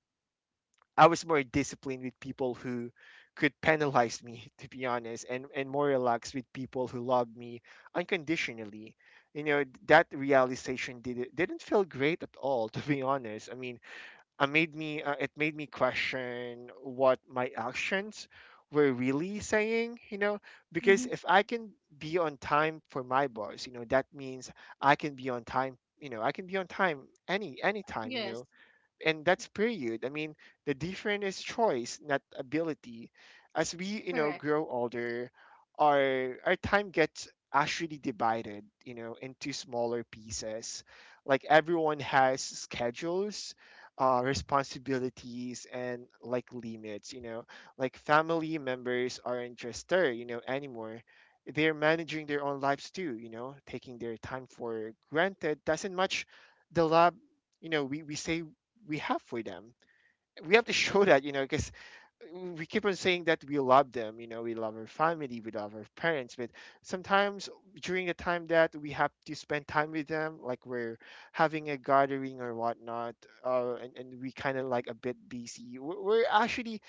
Speaker 1: I was more disciplined with people who could penalize me, (laughs) to be honest, and more relaxed with people who loved me unconditionally. You know, that realization did it didn't feel great at all, (laughs) to be honest. I mean, I made me it made me question what my actions were really saying, you know,
Speaker 2: mm-hmm,
Speaker 1: because if I can be on time for my boss, you know, that means I can be on time, you know, I can be on time any time, you
Speaker 2: yes,
Speaker 1: know, and that's period. I mean, the difference is choice, not ability. As we, you know,
Speaker 2: correct,
Speaker 1: grow older, our time gets actually divided, you know, into smaller pieces. Like everyone has schedules, responsibilities, and like limits. You know, like family members aren't just there, you know, anymore. They're managing their own lives too. You know, taking their time for granted doesn't much. The lab, you know, we say we have for them. We have to show (laughs) that, you know, because we keep on saying that we love them, you know, we love our family, we love our parents, but sometimes during the time that we have to spend time with them, like we're having a gathering or whatnot, and we kind of like a bit busy, we're actually,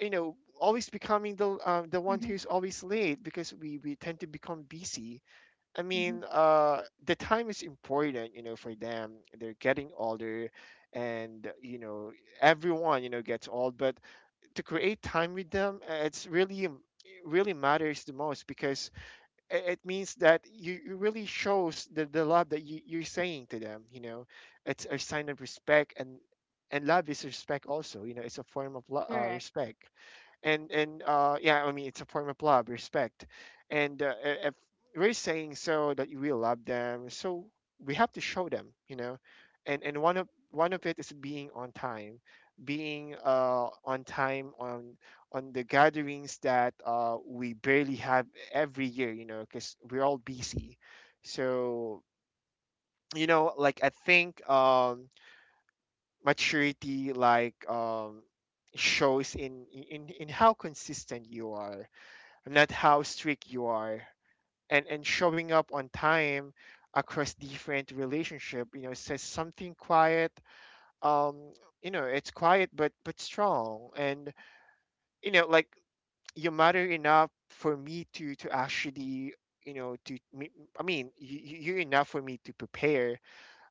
Speaker 1: you know, always becoming the one
Speaker 2: mm-hmm,
Speaker 1: who's always late because we tend to become busy. I mean,
Speaker 2: mm-hmm,
Speaker 1: the time is important, you know, for them. They're getting older, and you know, everyone, you know, gets old. But to create time with them, it's really, it really matters the most because it means that you really shows the love that you're saying to them. You know, it's a sign of respect, and love is respect also. You know, it's a form of
Speaker 2: correct,
Speaker 1: respect. And yeah, I mean, it's a form of love, respect. If we're saying so that we love them, so we have to show them, you know. And one of it is being on time. Being on time on the gatherings that we barely have every year, you know, because we're all busy. So you know, like I think maturity, like shows in in how consistent you are, not how strict you are. And showing up on time across different relationship, you know, says something quiet. um you know, it's quiet but strong. And you know, like you matter enough for me to actually, you know, to I mean, you're enough for me to prepare.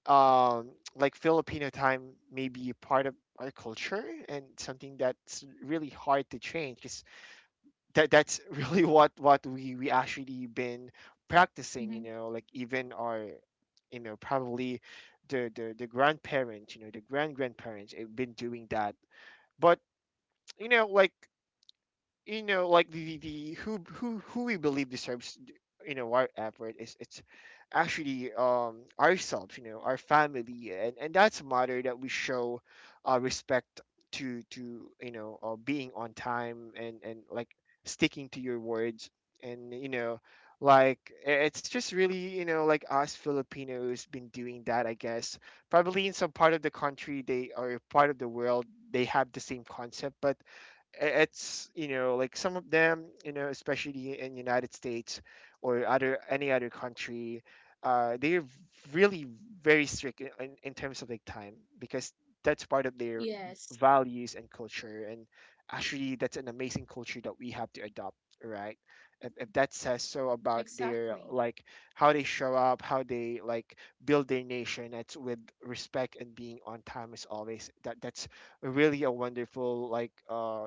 Speaker 1: um like Filipino time may be a part of our culture and something that's really hard to change. 'Cause that's (laughs) really what we actually been practicing, you
Speaker 2: mm-hmm,
Speaker 1: know, like even our, you know, probably the grandparents, you know, the grandparents have been doing that. But you know like, you know like the who we believe deserves, you know, our effort is it's actually ourselves, you know, our family, and that's a matter that we show respect to, you know, being on time and like sticking to your words. And you know, like it's just really, you know, like us Filipinos been doing that, I guess. Probably in some part of the country, they, or part of the world, they have the same concept, but it's, you know, like some of them, you know, especially in United States or other any other country, they're really very strict in, in terms of like time because that's part of their
Speaker 2: yes,
Speaker 1: values and culture. And actually that's an amazing culture that we have to adopt, right? If that says so about their,
Speaker 2: exactly.
Speaker 1: like, how they show up, how they like build their nation, it's with respect and being on time as always. That that's really a wonderful, like uh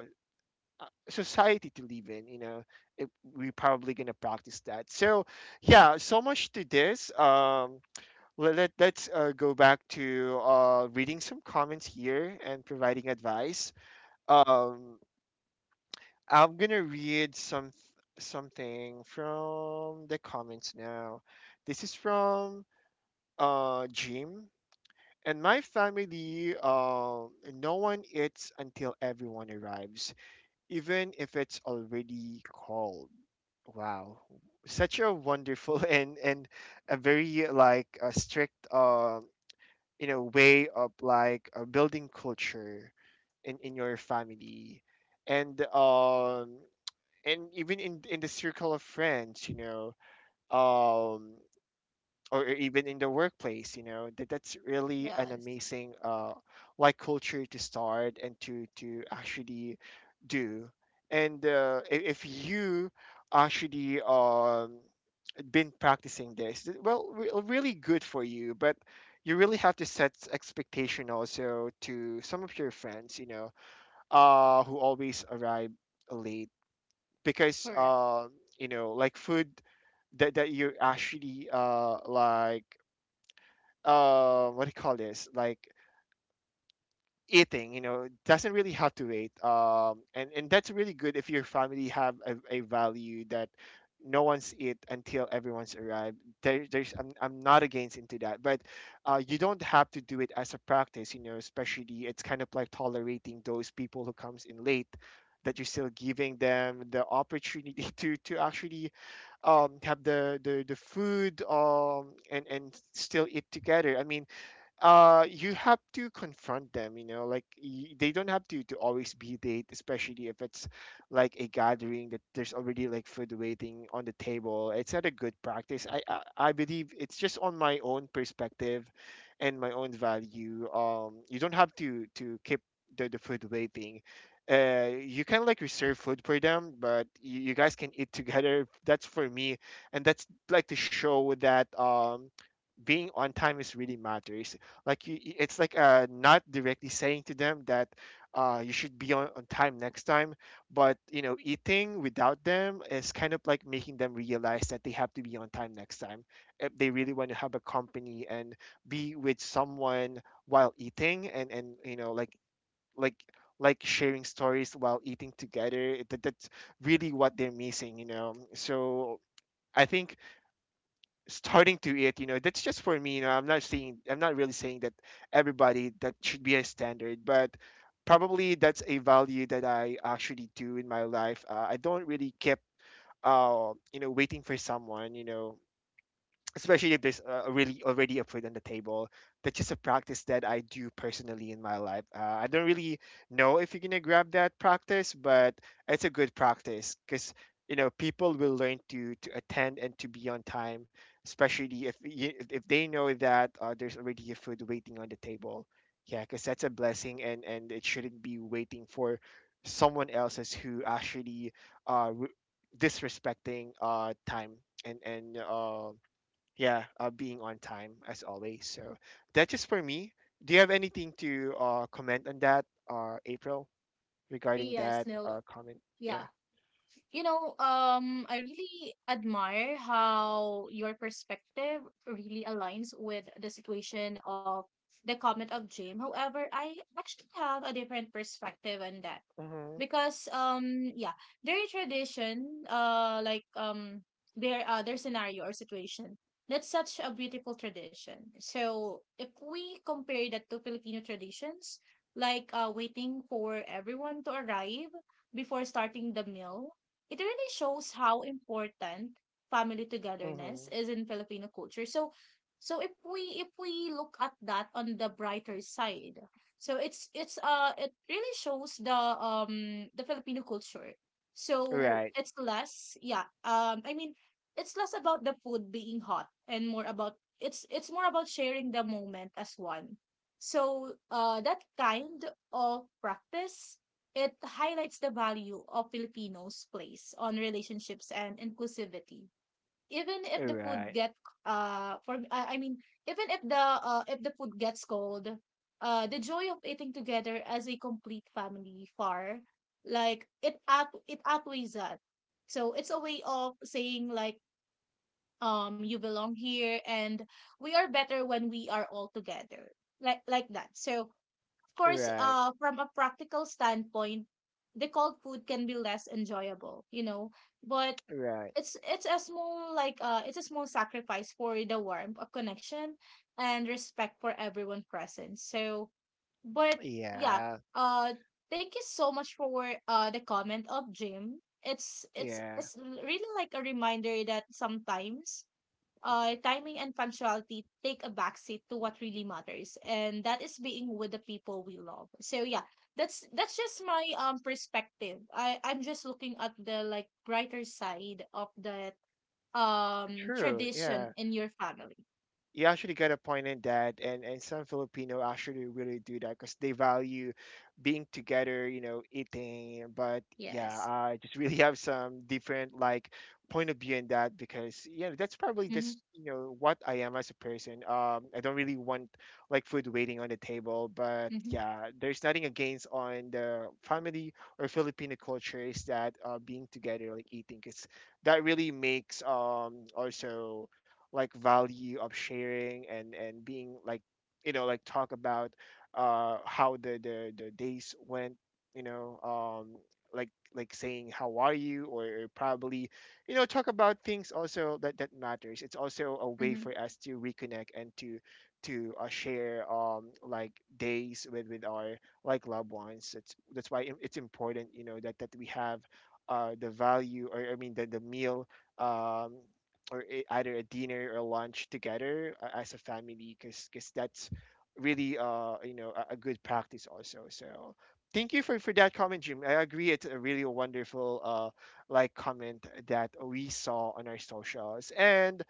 Speaker 1: uh, society to live in, you know. It, we're probably going to practice that. So yeah, so much to this. Let's go back to reading some comments here and providing advice. um I'm going to read some something from the comments now. This is from Jim. And my family, no one eats until everyone arrives, even if it's already cold. Wow, such a wonderful (laughs) and a very like a strict you know way of like building culture in your family. And and even in the circle of friends, you know. um or even in the workplace, you know, that that's really an
Speaker 2: Yes,
Speaker 1: amazing like culture to start and to actually do. And if you actually been practicing this well, really good for you. But you really have to set expectation also to some of your friends, you know, who always arrive late. Because
Speaker 2: correct.
Speaker 1: you know like food that that you're actually like what do you call this, like eating, you know, doesn't really have to wait. And that's really good if your family have a value that no one's eat until everyone's arrived. There's I'm not against into that. But you don't have to do it as a practice, you know, especially it's kind of like tolerating those people who comes in late, that you're still giving them the opportunity (laughs) to actually have the food and still eat together. I mean, you have to confront them, you know, like they don't have to always be late, especially if it's like a gathering that there's already like food waiting on the table. It's not a good practice. I believe it's just on my own perspective and my own value. You don't have to keep the food waiting. You can like reserve food for them, but you guys can eat together. That's for me, and that's like to show that being on time is really matters. Like you, it's like not directly saying to them that you should be on time next time, but you know, eating without them is kind of like making them realize that they have to be on time next time if they really want to have a company and be with someone while eating. And you know like like sharing stories while eating together. That's really what they're missing, you know. So I think starting to it, you know, that's just for me. You know, I'm not saying, I'm not really saying that everybody that should be a standard, but probably that's a value that I actually do in my life. I don't really keep you know waiting for someone, you know, especially if there's a really already a food on the table. That's just a practice that I do personally in my life. I don't really know if you're gonna grab that practice, but it's a good practice because you know people will learn to attend and to be on time, especially if you, if they know that there's already a food waiting on the table. Yeah, because that's a blessing, and it shouldn't be waiting for someone else's who actually uh re- disrespecting time. And yeah, being on time as always. So that's just for me. Do you have anything to comment on that, April, regarding
Speaker 2: Yes,
Speaker 1: that
Speaker 2: no.
Speaker 1: comment? Yeah.
Speaker 2: Yeah. You know, I really admire how your perspective really aligns with the situation of the comment of Jim. However, I actually have a different perspective on that.
Speaker 1: Mm-hmm.
Speaker 2: Because their tradition, their scenario or situation, that's such a beautiful tradition. So if we compare that to Filipino traditions, like waiting for everyone to arrive before starting the meal, it really shows how important family togetherness
Speaker 1: Mm-hmm.
Speaker 2: is in Filipino culture. So so if we look at that on the brighter side, so it's it really shows the Filipino culture. So
Speaker 1: Right.
Speaker 2: it's less, yeah. I mean, it's less about the food being hot and more about it's more about sharing the moment as one. So that kind of practice, it highlights the value of Filipinos' place on relationships and inclusivity, even if the food
Speaker 1: Right.
Speaker 2: get for I mean even if the food gets cold, the joy of eating together as a complete family far, like, it outweighs that. So it's a way of saying like, you belong here and we are better when we are all together, like that. So of course
Speaker 1: Right.
Speaker 2: from a practical standpoint, the cold food can be less enjoyable, you know, but
Speaker 1: Right.
Speaker 2: it's a small like, it's a small sacrifice for the warmth of connection and respect for everyone present. So but yeah,
Speaker 1: Yeah.
Speaker 2: uh thank you so much for the comment of Jim. it's it's
Speaker 1: Yeah.
Speaker 2: it's really like a reminder that sometimes timing and punctuality take a backseat to what really matters, and that is being with the people we love. So yeah, that's just my perspective. I'm just looking at the like brighter side of that
Speaker 1: True.
Speaker 2: tradition
Speaker 1: Yeah.
Speaker 2: in your family.
Speaker 1: You actually got a point in that, and some Filipino actually really do that because they value being together, you know, eating. But yeah,
Speaker 2: Yes.
Speaker 1: I just (laughs) really have some different like point of view in that, because you know that's probably
Speaker 2: Mm-hmm.
Speaker 1: just, you know, what I am as a person. I don't really want like food waiting on the table. But
Speaker 2: Mm-hmm.
Speaker 1: yeah, there's nothing against on the family or Filipino cultures that being together like eating, because that really makes also like value of sharing, and being like, you know, like talk about how the days went, you know. Like saying how are you, or probably, you know, talk about things also that that matters. It's also a way
Speaker 2: Mm-hmm.
Speaker 1: for us to reconnect and to share like days with our like loved ones. It's that's why it's important, you know, that that we have the value, or I mean the meal, um or a, either a dinner or lunch together, as a family, because that's really you know a good practice also. So thank you for that comment, Jim. I agree, it's a really wonderful like comment that we saw on our socials. And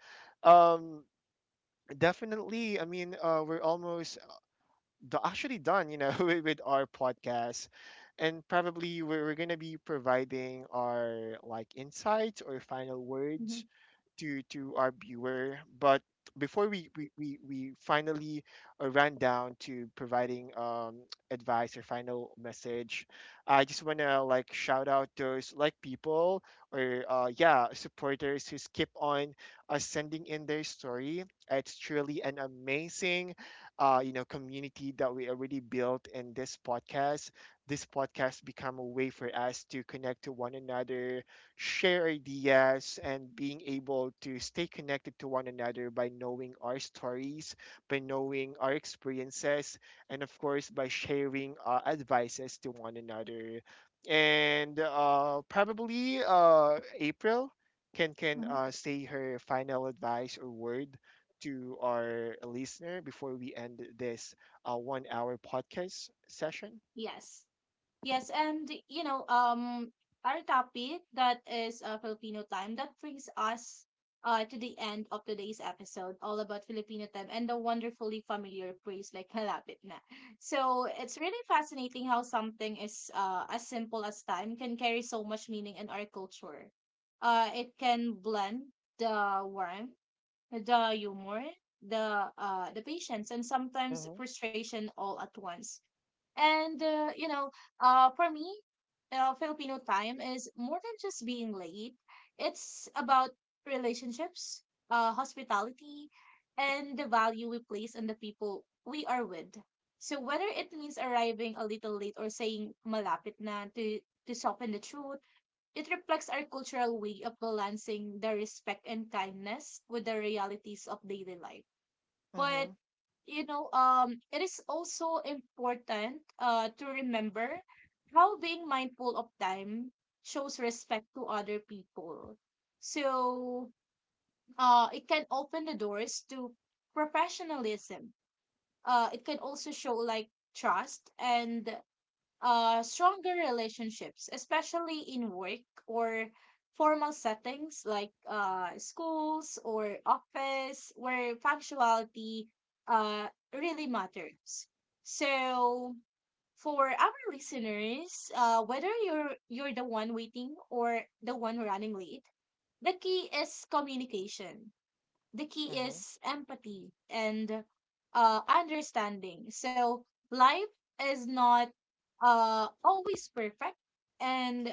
Speaker 1: um definitely, I mean, we're almost actually done, you know, (laughs) with our podcast. And probably we're going to be providing our like insights or final
Speaker 2: Mm-hmm.
Speaker 1: words to our viewer. But before we finally ran down to providing advice or final message, I just wanna like shout out those like people or yeah, supporters who keep on sending in their story. It's truly an amazing you know community that we already built in this podcast. This podcast become a way for us to connect to one another, share ideas, and being able to stay connected to one another by knowing our stories, by knowing our experiences, and of course by sharing advices to one another. And probably April can can
Speaker 2: Mm-hmm.
Speaker 1: uh, say her final advice or word to our listener before we end this 1 hour podcast session.
Speaker 2: Yes. Yes, and you know, our topic that is, Filipino time. That brings us to the end of today's episode, all about Filipino time and the wonderfully familiar phrase like halapit na. So it's really fascinating how something is as simple as time can carry so much meaning in our culture. It can blend the warmth, the humor, the patience, and sometimes
Speaker 1: Mm-hmm,
Speaker 2: frustration all at once. And for me, Filipino time is more than just being late. It's about relationships, hospitality, and the value we place on the people we are with. So whether it means arriving a little late or saying malapit na to soften the truth, it reflects our cultural way of balancing the respect and kindness with the realities of daily life.
Speaker 1: mm-hmm,
Speaker 2: But you know, it is also important to remember how being mindful of time shows respect to other people. So it can open the doors to professionalism. It can also show like trust and stronger relationships, especially in work or formal settings like, schools or office, where punctuality uh, really matters. So for our listeners, whether you're the one waiting or the one running late, the key is communication. The key
Speaker 1: mm-hmm.
Speaker 2: is empathy and understanding. So life is not always perfect, and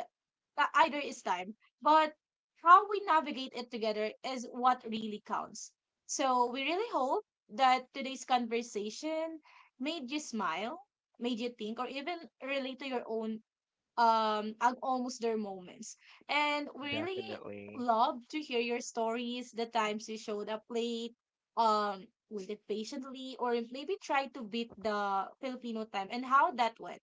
Speaker 2: either is time. But how we navigate it together is what really counts. So we really hope that today's conversation made you smile, made you think, or even relate to your own and almost their moments. And we really
Speaker 1: Definitely.
Speaker 2: love to hear your stories, the times you showed up late, um waited patiently, or maybe try to beat the Filipino time and how that went.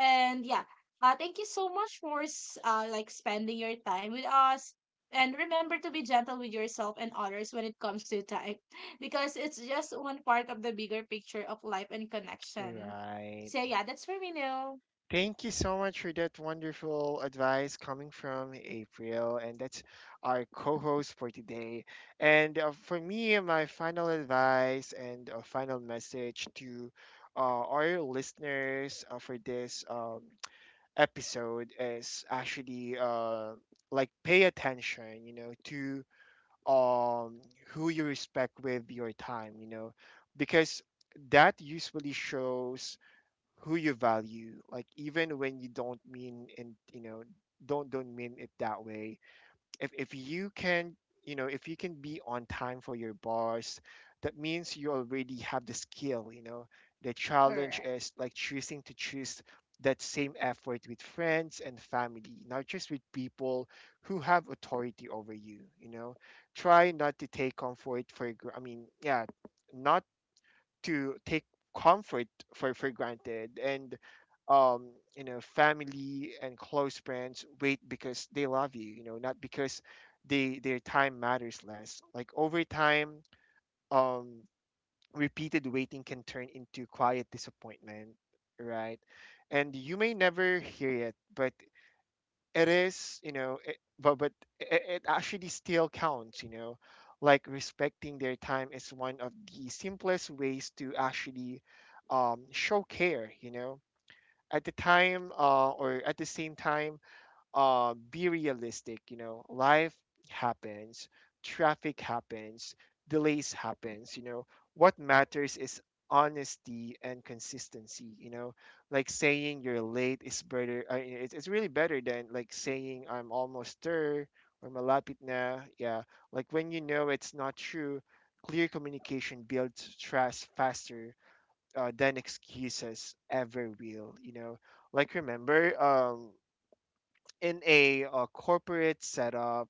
Speaker 2: And yeah, thank you so much for like spending your time with us. And remember to be gentle with yourself and others when it comes to time, (laughs) because it's just one part of the bigger picture of life and connection.
Speaker 1: Right.
Speaker 2: So yeah, that's for me now.
Speaker 1: Thank you so much for that wonderful advice coming from April, and that's our co-host for today. And for me, my final advice and a final message to our listeners for this (tsk) episode is actually like pay attention, you know, to um, who you respect with your time, you know, because that usually shows who you value, like even when you don't mean and you know don't mean it that way. If you can, you know, if you can be on time for your bars, that means you already have the skill, you know. The challenge
Speaker 2: Correct.
Speaker 1: is like choosing to choose that same effort with friends and family, not just with people who have authority over you, you know. Try not to take comfort for gr- I mean yeah not to take comfort for granted. And um, you know, family and close friends wait because they love you, you know, not because they, their time matters less. Like over time, um, repeated waiting can turn into quiet disappointment, right? And you may never hear it, but it is you know it, but it actually still counts, you know. Like respecting their time is one of the simplest ways to actually show care, you know. At the time, or at the same time, be realistic. You know, life happens, traffic happens, delays happens. You know, what matters is honesty and consistency. You know, like saying you're late is better. I mean, it's really better than like saying I'm almost there or malapit na. Yeah, like when you know it's not true. Clear communication builds trust faster than excuses ever will. You know, like remember in a corporate setup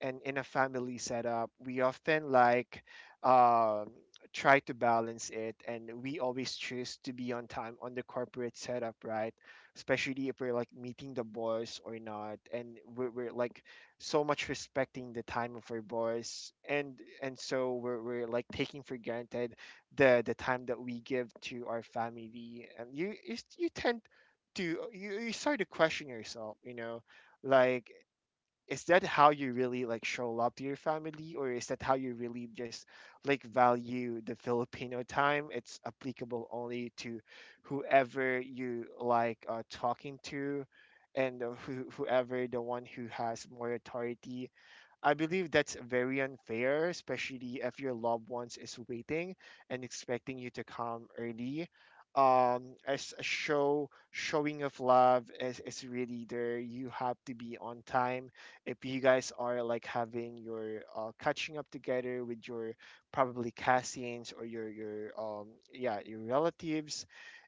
Speaker 1: and in a family setup, we often like um, try to balance it, and we always choose to be on time on the corporate setup, right? Especially if we're like meeting the boss or not, and we're like so much respecting the time of our boss, and and so we're like taking for granted the time that we give to our family. And you tend to, you start to question yourself, you know, like, is that how you really like show love to your family, or is that how you really just like value the filipino time? It's applicable only to whoever you like talking to, and whoever the one who has more authority. I believe that's very unfair, especially if your loved ones is waiting and expecting you to come early. As a showing of love is really there. You have to be on time. If you guys are like having your catching up together with your probably cousins or your relatives,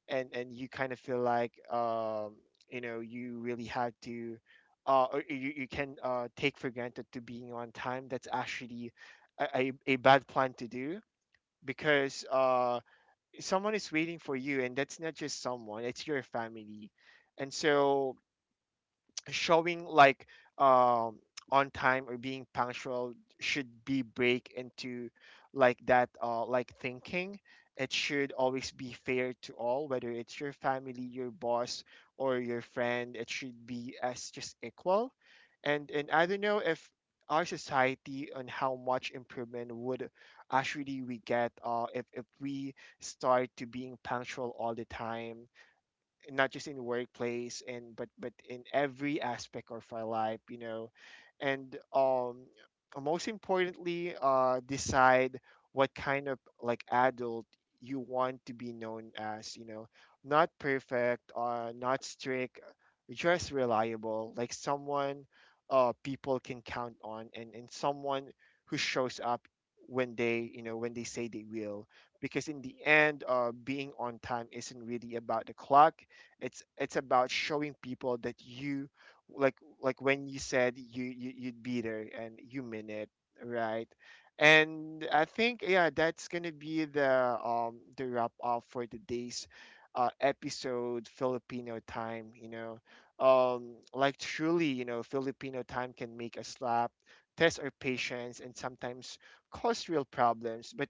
Speaker 1: and you kind of feel like you know you really have to or you can take for granted to being on time, that's actually a bad plan to do because someone is waiting for you, and that's not just someone, it's your family. And so showing like um on time or being punctual should be break into like that, like thinking it should always be fair to all, whether it's your family, your boss, or your friend, it should be as just equal. And I don't know if our society and how much improvement would actually we get if we start to being punctual all the time, not just in workplace and but in every aspect of our life, you know. And most importantly, decide what kind of like adult you want to be known as, you know. Not perfect, not strict, just reliable, like someone people can count on, and someone who shows up when they, you know, when they say they will. Because in the end, being on time isn't really about the clock, it's about showing people that you like like when you said you you'd be there and you mean it, right? And I think, yeah, that's gonna be the wrap up for today's episode, filipino time, you know. Like truly, you know, filipino time can make us laugh, test our patience, and sometimes cause real problems. But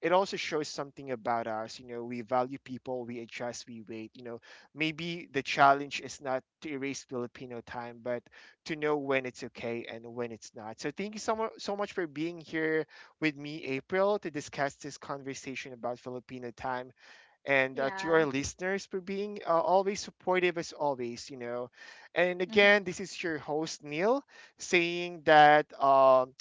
Speaker 1: it also shows something about us. You know, we value people, we adjust, we wait. You know, maybe the challenge is not to erase Filipino time, but to know when it's okay and when it's not. So thank you so much, so much for being here with me, April, to discuss this conversation about Filipino time, and to
Speaker 2: Yeah.
Speaker 1: our listeners for being always supportive as always. You know, and again, this is your host Neil saying that.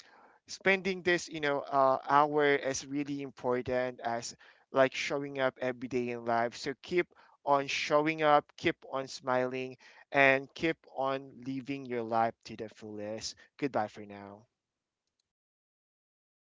Speaker 1: Spending this, you know, hour is really important as like showing up every day in life. So keep on showing up, keep on smiling, and keep on living your life to the fullest. Goodbye for now.